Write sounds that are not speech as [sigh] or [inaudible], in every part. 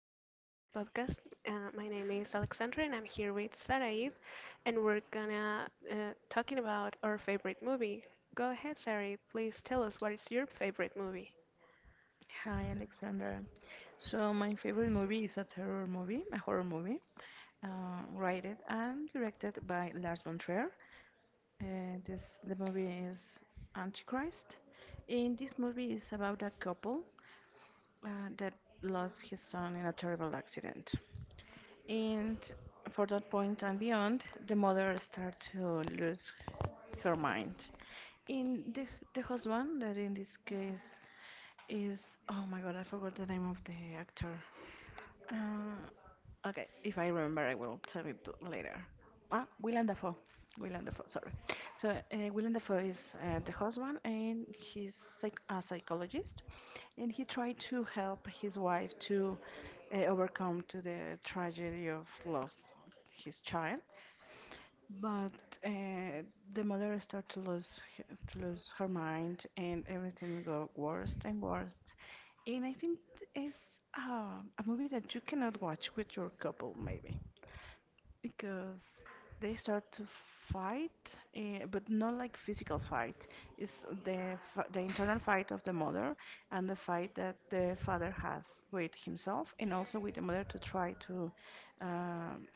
welcome to this podcast. My name is Alexandra and I'm here with Saraid and we're gonna talking about our favorite movie. Go ahead, Saraid. Please tell us what is your favorite movie. Hi, Alexandra. So, my favorite movie is a terror movie, a horror movie, rated and directed by Lars von Trier. This the movie is Antichrist. In this movie is about a couple that lost his son in a terrible accident. And for that point and beyond, the mother start to lose her mind. In the husband, that in this case is, oh my god, I forgot the name of the actor. Okay, if I remember, I will tell it later. Ah, Willem Dafoe. Willem Dafoe, sorry. So, Willem Dafoe is the husband, and he's a psychologist, and he tried to help his wife to overcome to the tragedy of loss of his child. But uh, the mother started to lose her mind, and everything got worse and worse. And I think it's a movie that you cannot watch with your couple, maybe, because they start to fight, but not like physical fight. It's the internal fight of the mother and the fight that the father has with himself and also with the mother to try to um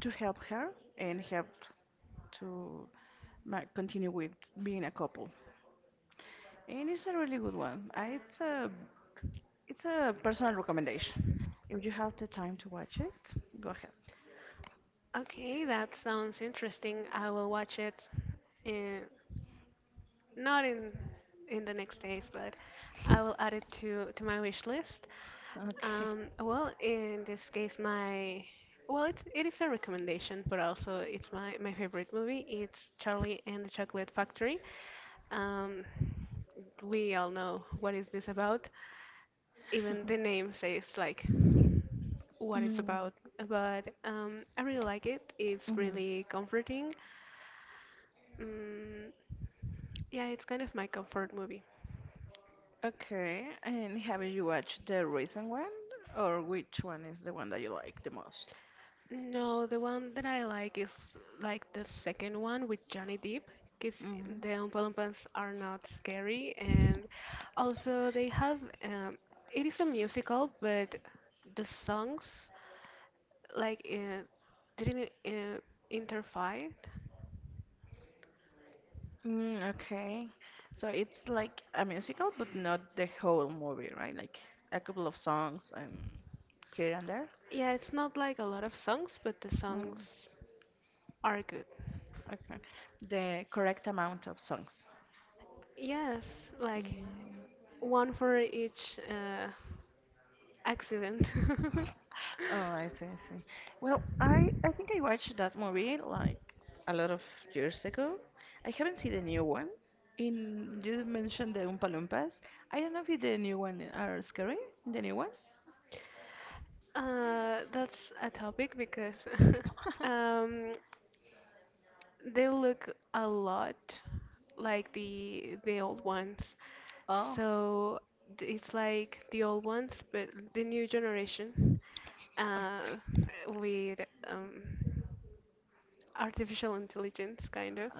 to help her and help to continue with being a couple. And it's a really good one. I, it's a personal recommendation. If you have the time to watch it, go ahead. Okay, that sounds interesting. I will watch it in, not in in the next days, but I will add it to my wish list. Okay. Well, in this case, it's, it is a recommendation, but also it's my favorite movie. It's Charlie and the Chocolate Factory. Um, we all know what is this about. Even the name says like what it's Mm, about, but I really like it. It's mhm. really comforting. Mm, yeah, it's kind of my comfort movie. Okay. And have you watched the recent one, or which one is the one that you like the most? No, the one that I like is like the second one with Johnny Depp, because Mm. the Oompa Loompas are not scary, and also they have um, it is a musical, but the songs like uh, didn't interfere. Mm, okay. So it's like a musical, but not the whole movie, right? Like a couple of songs and here and there. Yeah, it's not like a lot of songs, but the Mm, songs are good. okay. The correct amount of songs. Yes, like one for each accident. [laughs] Oh, I see, I see. Well, I think I watched that movie like a lot of years ago. I haven't seen the new one. In you mentioned the Oompa Loompas. I don't know if the new one are scary. The new one? That's a topic because [laughs] [laughs] um, they look a lot like the old ones. Oh. So it's like the old ones, but the new generation Oh, uh, with um, artificial intelligence, kind of,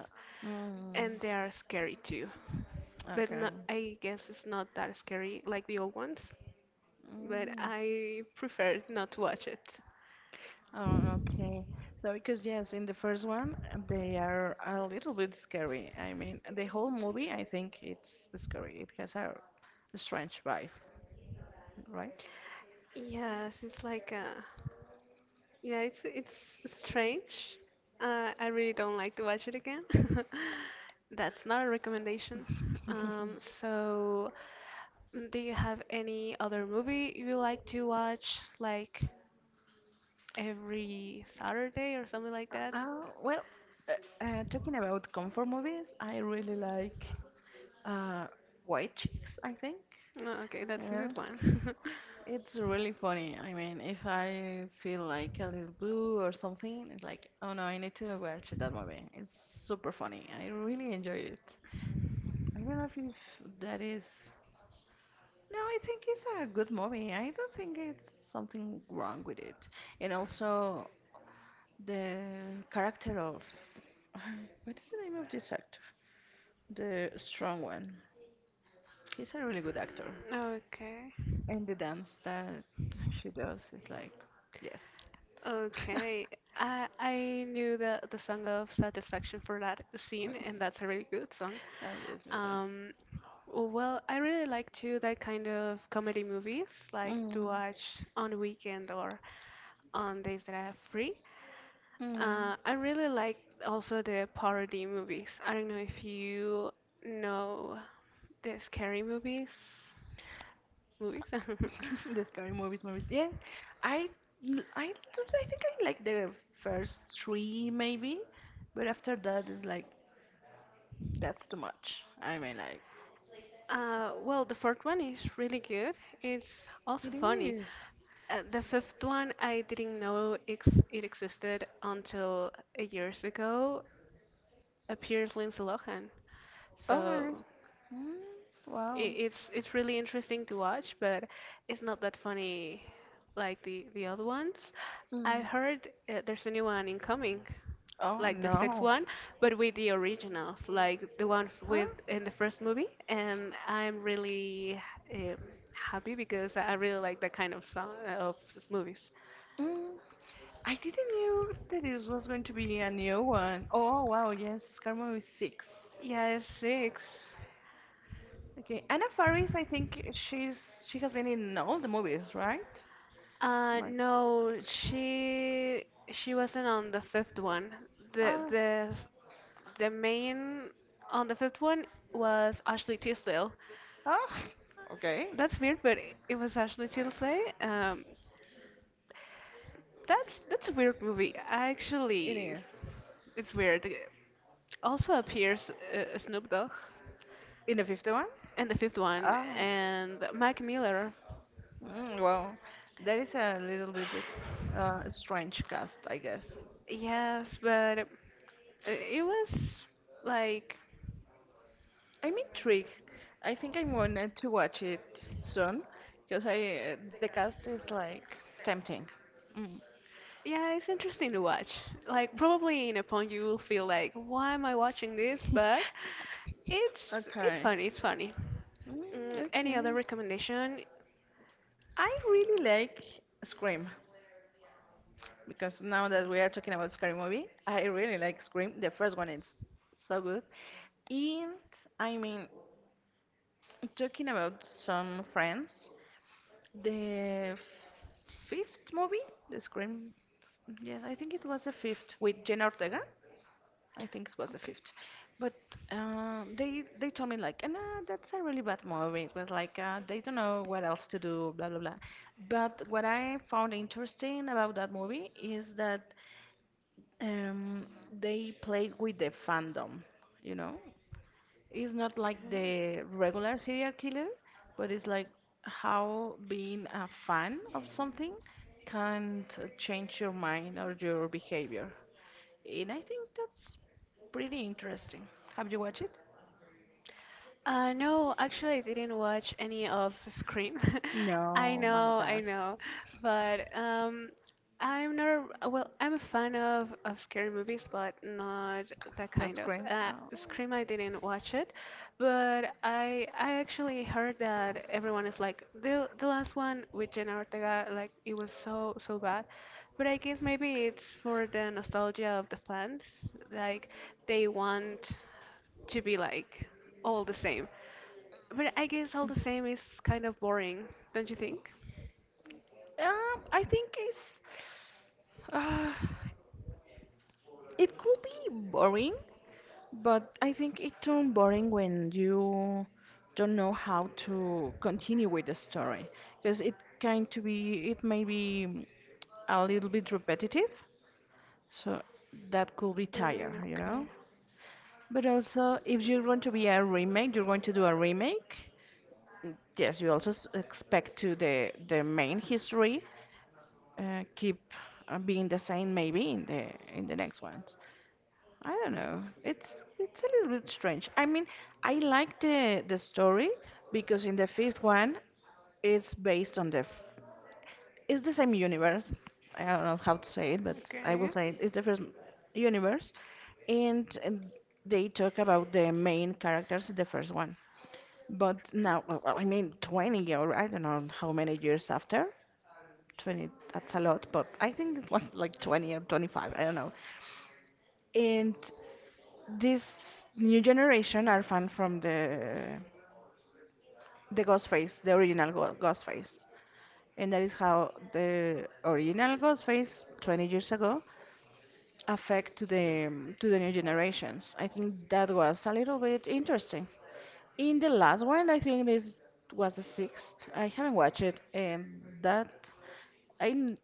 mm, and they are scary too. But okay. no, I guess it's not that scary like the old ones. But Mm. I prefer not to watch it. Oh, okay. So because yes, in the first one they are a little bit scary. I mean, the whole movie I think it's scary. It has a strange vibe, right? Yes, it's like yeah, it's strange. I really don't like to watch it again. [laughs] That's not a recommendation. So do you have any other movie you like to watch like every Saturday or something like that? Well, talking about comfort movies, I really like uh, White Chicks, I think. No, okay, that's a good You one. [laughs] it's really funny. I mean, if I feel like a little blue or something, it's like, oh no, I need to watch that movie. It's super funny. I really enjoyed it. I don't know if that is. No, I think it's a good movie. I don't think it's something wrong with it. And also, the character of. [sighs] What is the name of this actor? The strong one. He's a really good actor. Okay. And the dance that she does is like, yes. Okay. I knew the song of Satisfaction for that scene and that's a really good song. Ah, yes, yes, yes. Um, well, I really like to that kind of comedy movies, like to Mm, watch on weekend or on days that I have free. mm. I really like also the parody movies. I don't know if you know the scary movies. Movies. [laughs] [laughs] The scary movies, movies. Yes, I, l- I, don't- I think I like the first three maybe, but after that is like that's too much. I mean, like Well, the fourth one is really good. It's also it funny. is. The fifth one, I didn't know ex it existed until years ago. Appears Lindsay Lohan. Oh really? So Mm, it, wow. it's it's really interesting to watch, but it's not that funny like the other ones. I Mm. heard there's a new one incoming, Oh like the sixth no. one, but with the originals, like the one with Oh. in the first movie, and I'm really um, happy because I really like that kind of song of movies. Mm. I didn't knew that this was going to be a new one. Oh wow, yes, Scar Movie 6. Yeah, it's six. Okay, Anna Faris, I think she has been in all the movies, right? Like, No, she wasn't on the fifth one. The oh, the the main on the fifth one was Ashley Tisdale. oh, [laughs] okay, That's weird, but it was Ashley Tisdale. That's a weird movie. it Actually, is. it's weird. Also appears Snoop Dogg In the fifth one? in the fifth one Oh, and Mac Miller. mm, well, that is a little bit strange cast, I guess. Yes, but it was like, I'm intrigued. I think I'm going to watch it soon because I the cast is like tempting. Mm. yeah, it's interesting to watch. Like, probably in a point you will feel like, why am I watching this? But [laughs] it's Okay. funny. It's funny. Mm, Mm, any other okay. recommendation? I really like Scream because now that we are talking about scary movie, I really like Scream. The first one is so good. And I mean, talking about some friends, the fifth movie, the Scream. Yes, I think it was the fifth with Jenna Ortega. I think it was the Okay. fifth. But they told me like, "No, that's a really bad movie. It was like they don't know what else to do, blah blah blah." But what I found interesting about that movie is that um, they played with the fandom. you know it's not like the regular serial killer, but it's like how being a fan of something can change your mind or your behavior. And I think that's pretty interesting. Have you watched it? No, actually, I didn't watch any of Scream. [laughs] No, my I God. know, but I'm not a, well, I'm a fan of scary movies, but not that No kind of. Scream? Oh. Scream, I didn't watch it, but I actually heard that everyone is like the last one with Jenna Ortega, like it was so so bad. But I guess maybe it's for the nostalgia of the fans, like they want to be like all the same. But I guess all the same is kind of boring, don't you think? I think it's uh, it could be boring. But I think it turned boring when you don't know how to continue with the story because it kind to be it may be a little bit repetitive, so that could be Mm, tire. okay. But also, if you're going to be a remake, you're going to do a remake. Yes, you also expect to the main history keep being the same maybe in the next ones. I don't know. It's a little bit strange. I mean, I like the story because in the fifth one, it's based on it's the same universe. I don't know how to say it, but I will Okay. say it. It's the first universe, and they talk about the main characters of the first one. But now, well, I mean, 20 or I don't know how many years after. 20, that's a lot, but I think it was like 20 or 25, I don't know, and this new generation are fan from the Ghostface, the original Ghostface, and that is how the original Ghostface 20 years ago affect to the new generations. I think that was a little bit interesting. In the last one, I think this was the sixth. I haven't watched it, and that I n-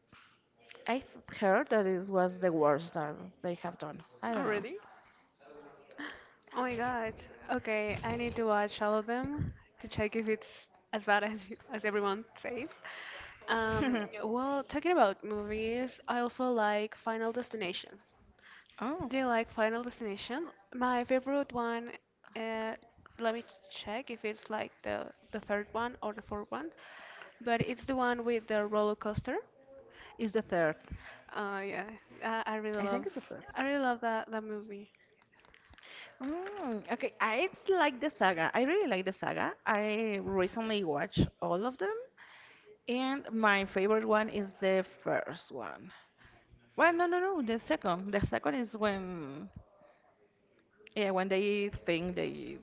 I've heard that it was the worst that they have done. I don't Already? Oh my god. Okay, I need to watch all of them to check if it's as bad as everyone says. Um, know. well, talking about movies, I also like Final Destination. [laughs] Oh. Do you like Final Destination? My favorite one, uh, let me check if it's like the third one or the fourth one, but it's the one with the roller coaster. Is the third. Oh yeah, I really I think it's the third. Love that that movie. Mm, okay, I like the saga. I really like the saga. I recently watched all of them, and my favorite one is the first one. Well, no, no, no, the second. The second is when, yeah, when they think they,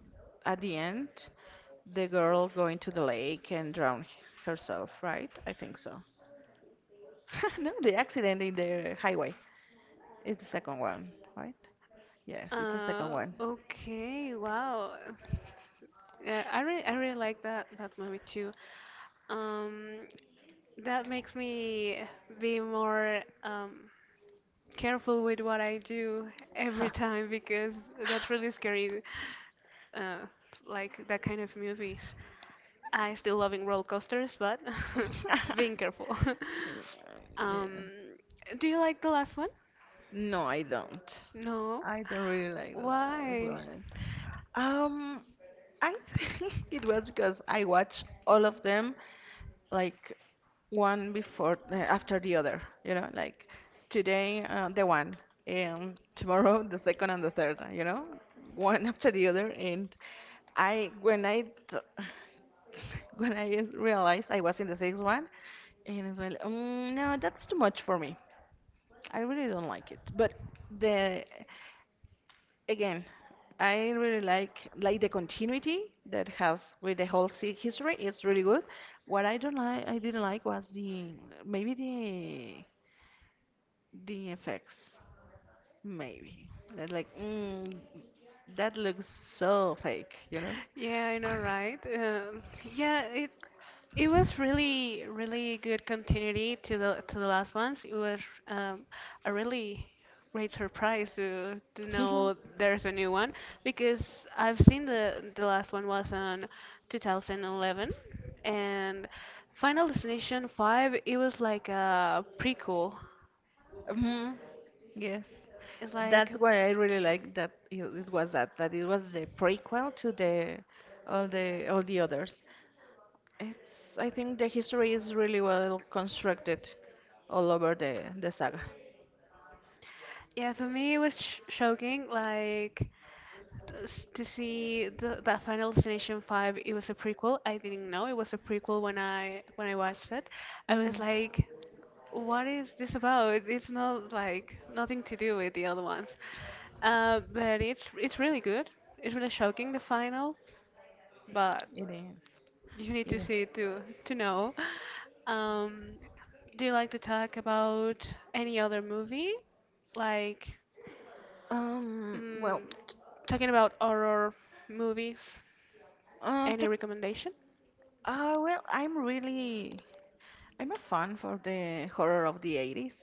at the end, the girl going to the lake and drown herself, right? I think so. [laughs] No, the accident in the highway is the second one, right? Yes, it's the second one. Okay, wow. Yeah, I really like that that movie too. Um, that makes me be more careful with what I do every [laughs] time because that's really scary. Uh, like that kind of movies. I still loving roller coasters, but [laughs] [laughs] being careful. [laughs] Yeah. Um, do you like the last one? No, I don't. No. I don't really like the last Why? one. Um, I think [laughs] it was because I watched all of them like one before after the other, like today the one, and tomorrow [laughs] the second and the third, one [laughs] after the other. And I when I t- [laughs] when realized I was in the sixth one, and it's like no, that's too much for me. I really don't like it. But the again, I really like the continuity that has with the whole history. It's really good. What I don't like, I didn't like was the maybe the effects. Maybe that's like that looks so fake. Yeah, I know, right? Yeah, it was really, really good continuity to the last ones. It was um, a really great surprise to know [laughs] there's a new one because I've seen the last one was on 2011 and Final Destination 5. It was like a prequel. Hmm. Yes, It's like that's why I really like that it was that that it was the prequel to the all the all the others. It's I think the history is really well constructed all over the saga. yeah, for me it was sh shocking, like to see the that Final Destination 5. It was a prequel. I didn't know it was a prequel when I watched it. I was Mhm. like, what is this about? It's not like nothing to do with the other ones. But it's really good. It's really shocking the final, but It is. you need It to is. see it to know. Um, do you like to talk about any other movie? Like. Um. Well. Mm, t- Talking about horror movies, Uh. any t- recommendation? Well. I'm really. I'm a fan for the horror of the 80s.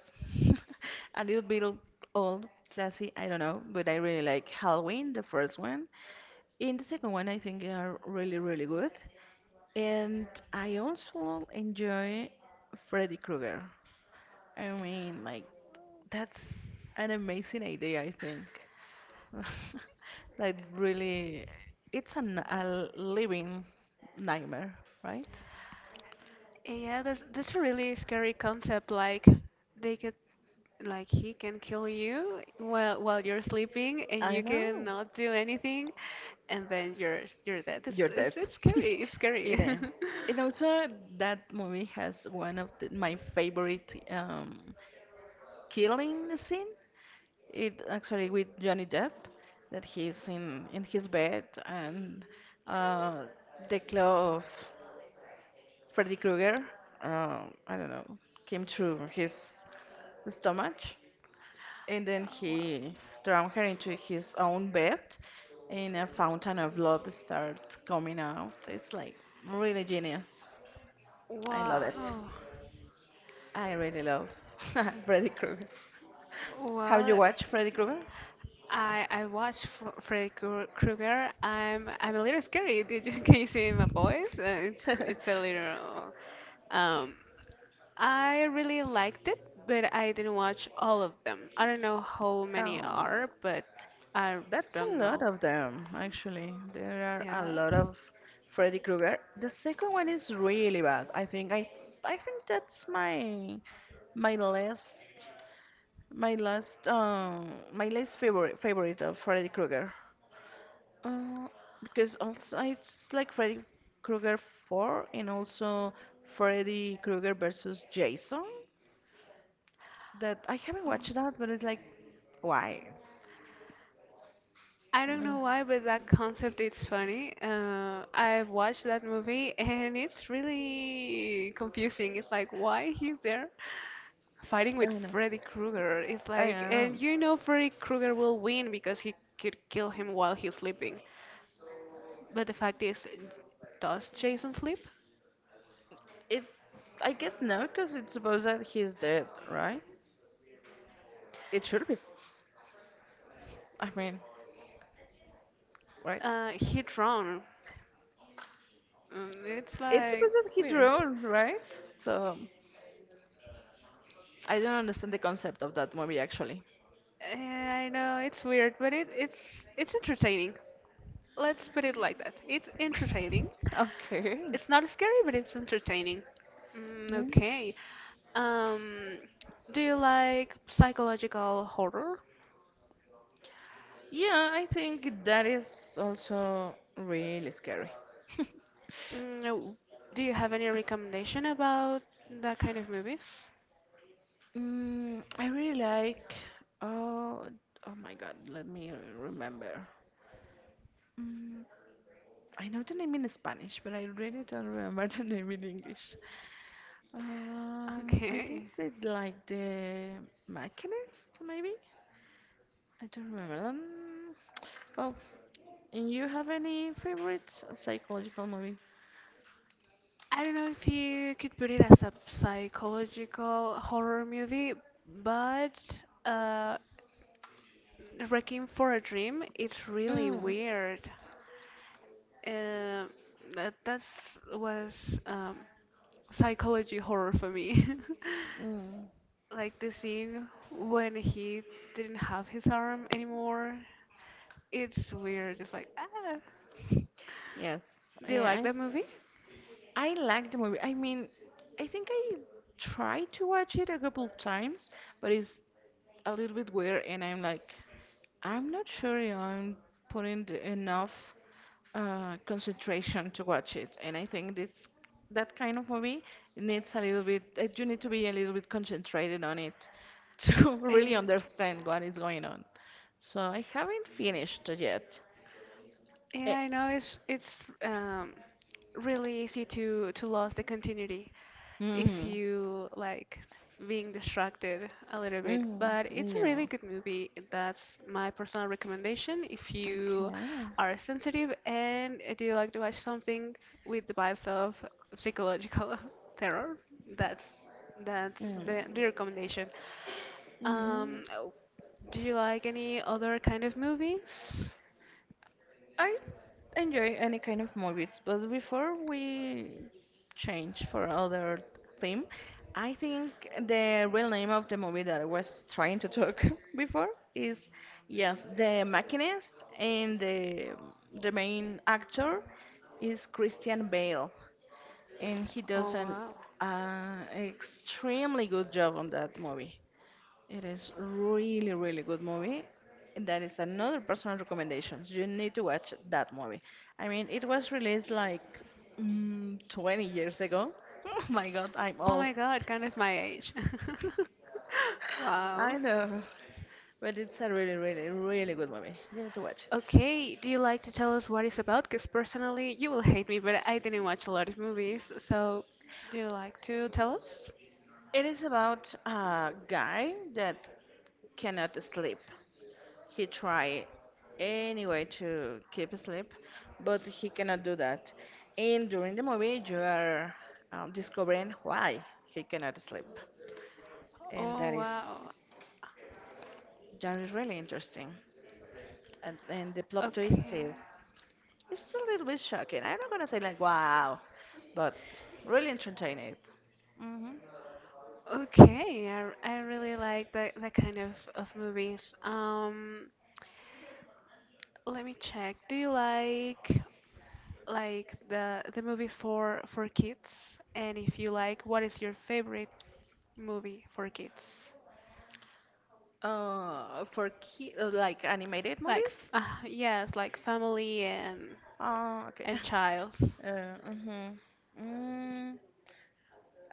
[laughs] A little bit old, classy. I don't know, but I really like Halloween, the first one. In the second one, I think they are really, really good. And I also enjoy Freddy Krueger. I mean, like, that's an amazing idea, I think. [laughs] Like, really, it's a living nightmare, right? Yeah, that's a really scary concept. Like they could, like he can kill you while you're sleeping, and I you know. cannot do anything, and then you're dead. It's You're dead. it's, it's [laughs] scary. It's scary. It [laughs] is. And also, that movie has one of my favorite killing scene. It actually with Johnny Depp, that he's in his bed and uh, the glove Freddy Krueger, I don't know, came through his stomach, and then he Oh. drowned her into his own bed, and a fountain of blood started coming out. It's like really genius. I love it. Wow. I really love [laughs] Freddy Krueger. Have you Well, watched Freddy Krueger? I watched Freddy Krueger. I'm a little scary. [laughs] Did you can you see my voice? It's Ah. it's a little. Um, I really liked it, but I didn't watch all of them. I don't know how [laughs] many Oh. are, but I That's a don't lot know. of them, actually. There are a lot Yeah. of Freddy Krueger. The second one is really bad. I think that's my last favorite of Freddy Krueger. Uh, because also it's like Freddy Krueger 4 and also Freddy Krueger versus Jason. That I haven't watched that, but it's like why? I don't Mm, know why, but that concept is funny. I've watched that movie [laughs] and it's really confusing. It's like, why he's there fighting I with don't know. Freddy Krueger? It's I like, don't know. and you know Freddy Krueger will win because he could kill him while he's sleeping. But the fact is, does Jason sleep? It, I guess no, because it's supposed that he's dead, right? It should be, I mean, right? He drowned. It's It's like supposed that he weird. drowned, right? So I don't understand the concept of that movie actually. I know it's weird, but it's entertaining. Let's put it like that. It's entertaining. [laughs] Okay. It's not scary, but it's entertaining. Mm, Mm. okay. Um, do you like psychological horror? Yeah, I think that is also really scary. Mm, no. Do you have any recommendation about that kind of movies? [laughs] Mm, I really like. Oh, oh my God! Let me remember. Mm, I know the name in Spanish, but I really don't remember [laughs] the name in English. I think Okay. they like the Machinist, maybe. I don't remember. Well, and you have any favorite psychological movie? I don't know if you could put it as a psychological horror movie, but uh, Requiem for a Dream, it's really Mm, weird. Uh, that that's was psychology horror for me. [laughs] mm. Like the scene when he didn't have his arm anymore. It's weird. It's like, ah. Yes, Do you yeah, like I that movie? I like the movie. I mean, I think I tried to watch it a couple of times, but it's a little bit weird, and I'm like, I'm not sure if I'm enough concentration to watch it, and I think this that kind of movie needs a little bit. You need to be a little bit concentrated on it [laughs] to [laughs] Eh, really understand what is going on. So I haven't finished yet. Yeah, Eh, I know it's um, really easy to lose the continuity if mhm, you like being distracted a little bit. mhm, But it's a really no. good movie. That's my personal recommendation if you Okay. are sensitive and do you like to watch something with the vibes of psychological [laughs] terror. That's that's the recommendation. Mm-hmm. Um, do you like any other kind of movies? I enjoy any kind of movies, but before we change for other theme, I think the real name of the movie that I was trying to talk [laughs] before is yes, The Machinist, and the main actor is Christian Bale, and he Oh does an wow. Extremely good job on that movie. It is really, really good movie. That is another personal recommendations. You need to watch that movie. I mean, it was released like 20 years ago. [laughs] Oh my God, I'm Oh old. my god, kind of my age. [laughs] Wow. I know, but it's a really, really, really good movie. You need to watch it. Okay, do you like to tell us what it's about? Because personally, you will hate me, but I didn't watch a lot of movies. So, do you like to tell us? It is about a guy that cannot sleep. He tried any way to keep asleep, but he cannot do that. And during the movie, you are discovering why he cannot sleep, and Oh, wow. that is really interesting. And the plot twist Okay. is it's a little bit shocking. I'm not gonna say like wow, but really entertaining. Hmm. Okay, I really like that that kind of movies. Let me check. Do you like the movies for kids? And if you like, what is your favorite movie for kids? Like animated Like, movies. Yes, like family Oh, okay. [laughs] and child. Mm-hmm.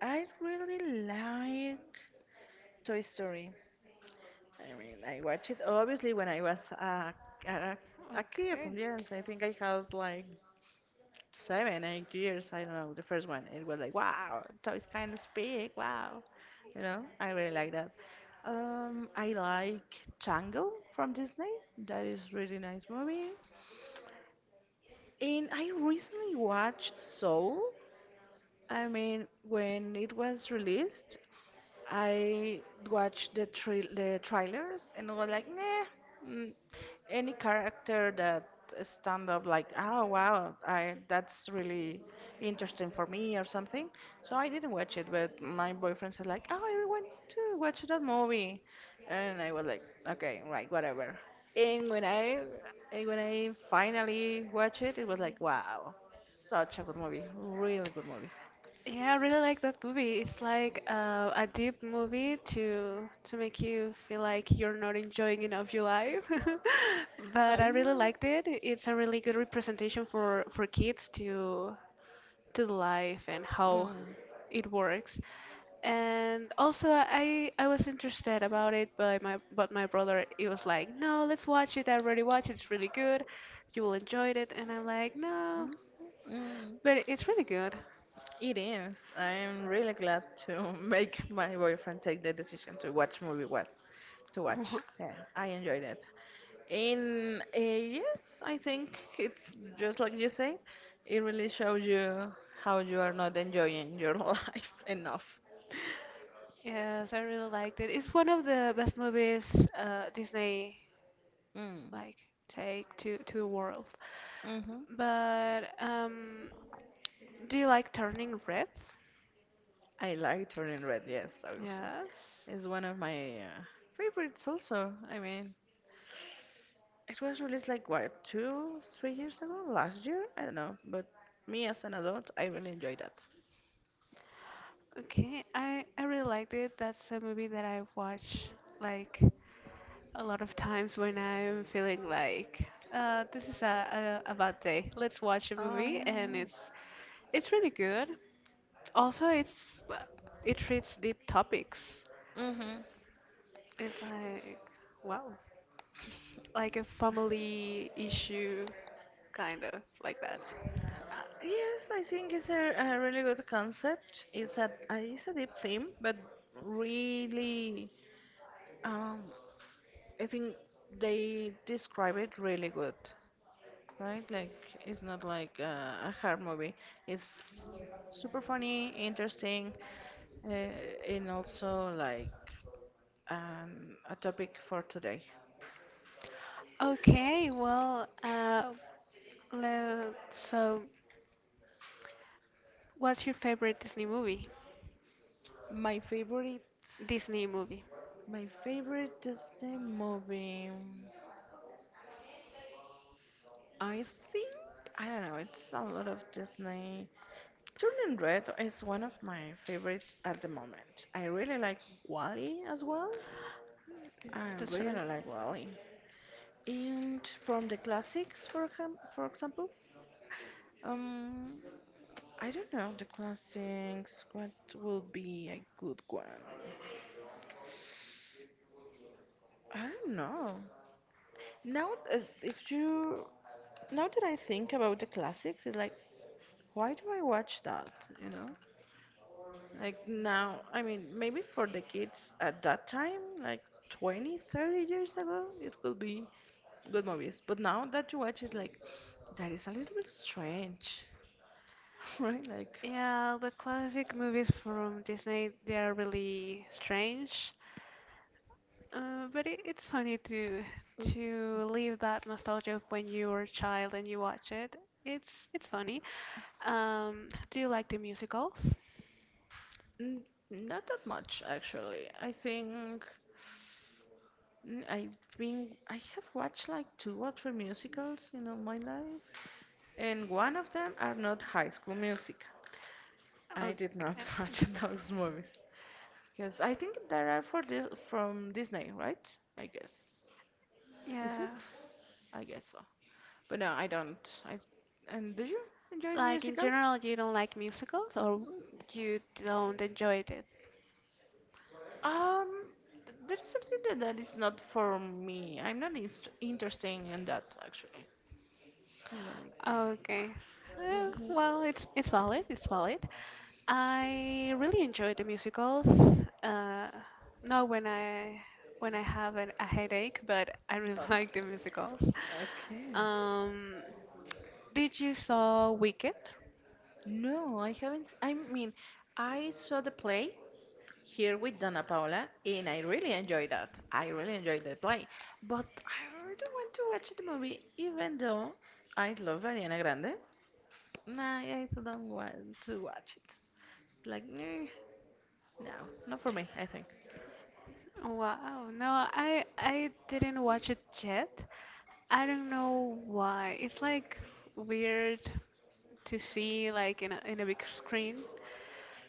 I really like Toy Story. I mean, I watched it obviously when I was a, a kid. Okay. Yes, I think I had like seven, 8 years. I don't know. The first one, it was like, wow, toys kind of speak. Wow, you know, I really like that. I like Django from Disney. That is really nice movie. And I recently watched Soul. I mean, when it was released, I watched the trailers and I was like, nah, mm, any character that stand up like, oh wow, I that's really interesting for me or something. So I didn't watch it, but my boyfriend said like, oh, I want to watch that movie, and I was like, okay, right, whatever. And when I and when I finally watched it, it was like, wow, such a good movie, really good movie. Yeah, I really like that movie. It's like a deep movie to make you feel like you're not enjoying enough your life. [laughs] But I I really know. liked it. It's a really good representation for kids to the life and how Mm, it works. And also, I was interested about it, but my brother he was like, no, let's watch it. I already watched. It. It's really good. You will enjoy it. And I'm like, no, mm. but it's really good. It is. I am really glad to [laughs] make my boyfriend take the decision to watch movie what to watch. [laughs] Yeah, I enjoyed it. In Yes, I think it's just like you say. It really shows you how you are not enjoying your [laughs] life enough. Yes, I really liked it. It's one of the best movies Disney Mm. like take to the world. Mm-hmm. But do you like Turning Red? I like Turning Red. Yes, also Yes. it's one of my favorites. Also, I mean, it was released like what two, 3 years ago, last year. I don't know, but me as an adult, I really enjoy that. Okay, I really liked it. That's a movie that I watch like a lot of times when I'm feeling like this is a bad day. Let's watch a movie, and Um, it's really good. Also, it's it treats deep topics. Mm-hmm. It's like, wow, like a family issue, kind of like that. Uh, yes, I think it's a really good concept. It's a deep theme, but really, um, I think they describe it really good, right? Like it's not like a hard movie. It's super funny, interesting, uh, and also like a topic for today. Okay, well, so what's your favorite Disney movie? My favorite, Disney movie. my favorite Disney movie. I think I don't know. It's a lot of Disney. Turning Red is one of my favorites at the moment. I really like Wally as well. I That's right. really like Wally. And from the classics, for example, um, I don't know the classics. What will be a good one? I don't know. Now, if you now that I think about the classics, it's like, why do I watch that? You know? Like now, I mean, maybe for the kids at that time, like 20, 30 years ago, it could be good movies. But now that you watch, it's like, that is a little bit strange, [laughs] right? Like, Yeah, the classic movies from Disney, they are really strange. But it's funny to live that nostalgia of when you were a child and you watch it. It's funny. Do you like the musicals? n not that much, actually. I think I have watched like 2 or 3 musicals you know, my life, and one of them are not High School Music. I did not Okay. [laughs] watch those movies. Because I think there are for this from Disney, right? I guess. Is Yeah. it? I guess so. But no, I don't. I and do you enjoy Like in musicals? general, you don't like musicals or you don't enjoy it? Um, there's that is not for me. I'm not inst interesting in that actually. Like, Okay. Hmm. Well, it's valid. It's valid. I really enjoy the musicals. Uh, Not when I have a headache, but I really Oh, [laughs] like the musicals. okay. Um, did you saw Wicked? No, I haven't. I mean, I saw the play, here with Dana Paola, and I really enjoyed that. I really enjoyed the play, but I really want to watch the movie, even though I love Ariana Grande. Nah, I don't want to watch it. Like, eh, no, not for me. I think. Wow. No, I didn't watch it yet. I don't know why. It's like weird to see like in a big screen.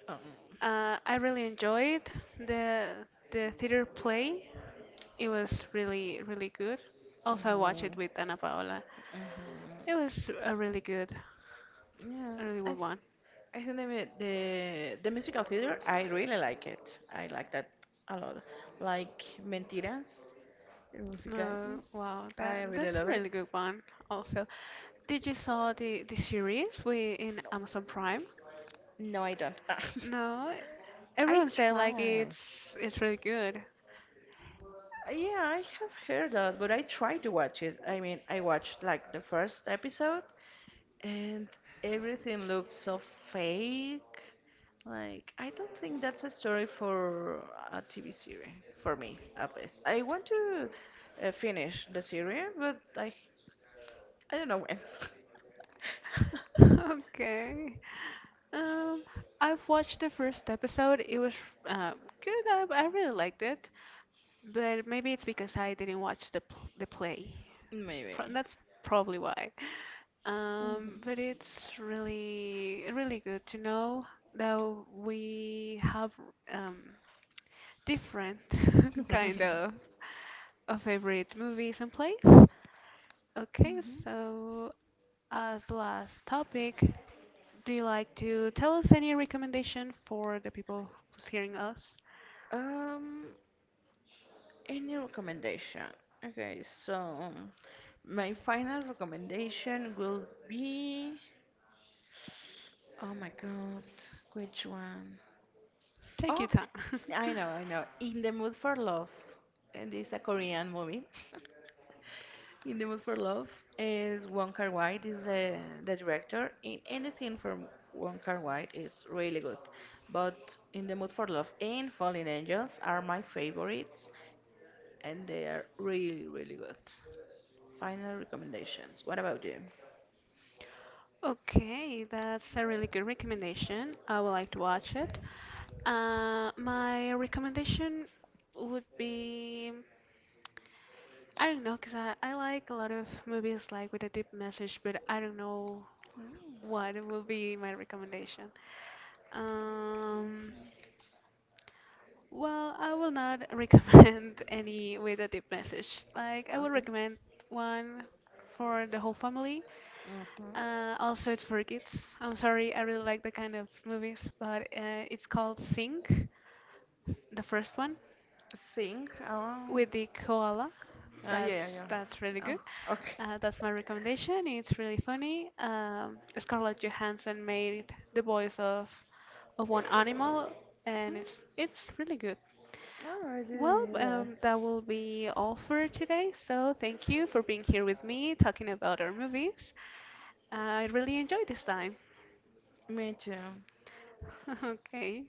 Um, I really enjoyed the the theater play. It was really really good. Also, I watched mhm, it with Ana Paola. It mhm. was Yeah, a really I, good one. I think the musical theater. I really like it. I like that a lot. Like Mentiras, the musical. Mm, Wow, that I really that's a love really it. good one. Also, did you saw the series we in No, Amazon Prime? no, I don't. [laughs] No, I everyone said like try. it's really good. Yeah, I have heard that, but I try to watch it. I mean, I watched like the first episode and everything looks so fake. Like, I don't think that's a story for a TV series, for me at least. I want to finish the series, I don't know when. [laughs] Okay. Um, I've watched the first episode. It was uh, good. I really liked it, but maybe it's because I didn't watch the play. [laughs] Pro Maybe. That's probably why. Mhm. But it's really really good to know that we have um different [laughs] kind of favorite movies and plays. Okay, Mhm. so as last topic, do you like to tell us any recommendation for the people who's hearing us? [laughs] Um, any recommendation? Okay, so my final recommendation will be. Oh my god, which one? Take Oh, your time. [laughs] I know, I know. In the Mood for Love. And it's a Korean movie. [laughs] In the Mood for Love is Wong Kar-wai, is the director. In anything from Wong Kar-wai is really good. But In the Mood for Love and Fallen Angels are my favorites, and they are really, really good. Final recommendations. What about you? Okay, that's a really good recommendation. I would like to watch it. My recommendation would be I don't know, because I like a lot of movies like with a deep message, but I don't know Mm. what will be my recommendation. Um, Well, I will not [laughs] recommend any with a deep message. Like, I would Okay. recommend one for the whole family. Mm-hmm. Also, it's for kids. I'm sorry, I really like the kind of movies, but it's called Sing, the first one Sing. Oh, with the koala. oh That's yeah, yeah. that's really Oh, good. okay. That's my recommendation. It's really funny. Scarlett Johansson made the voice of one animal, and Mm, it's really good. oh, I Well, didn't know that will be all for today. So thank you for being here with me, talking about our movies. I really enjoyed this time. that. Me too. [laughs] Okay.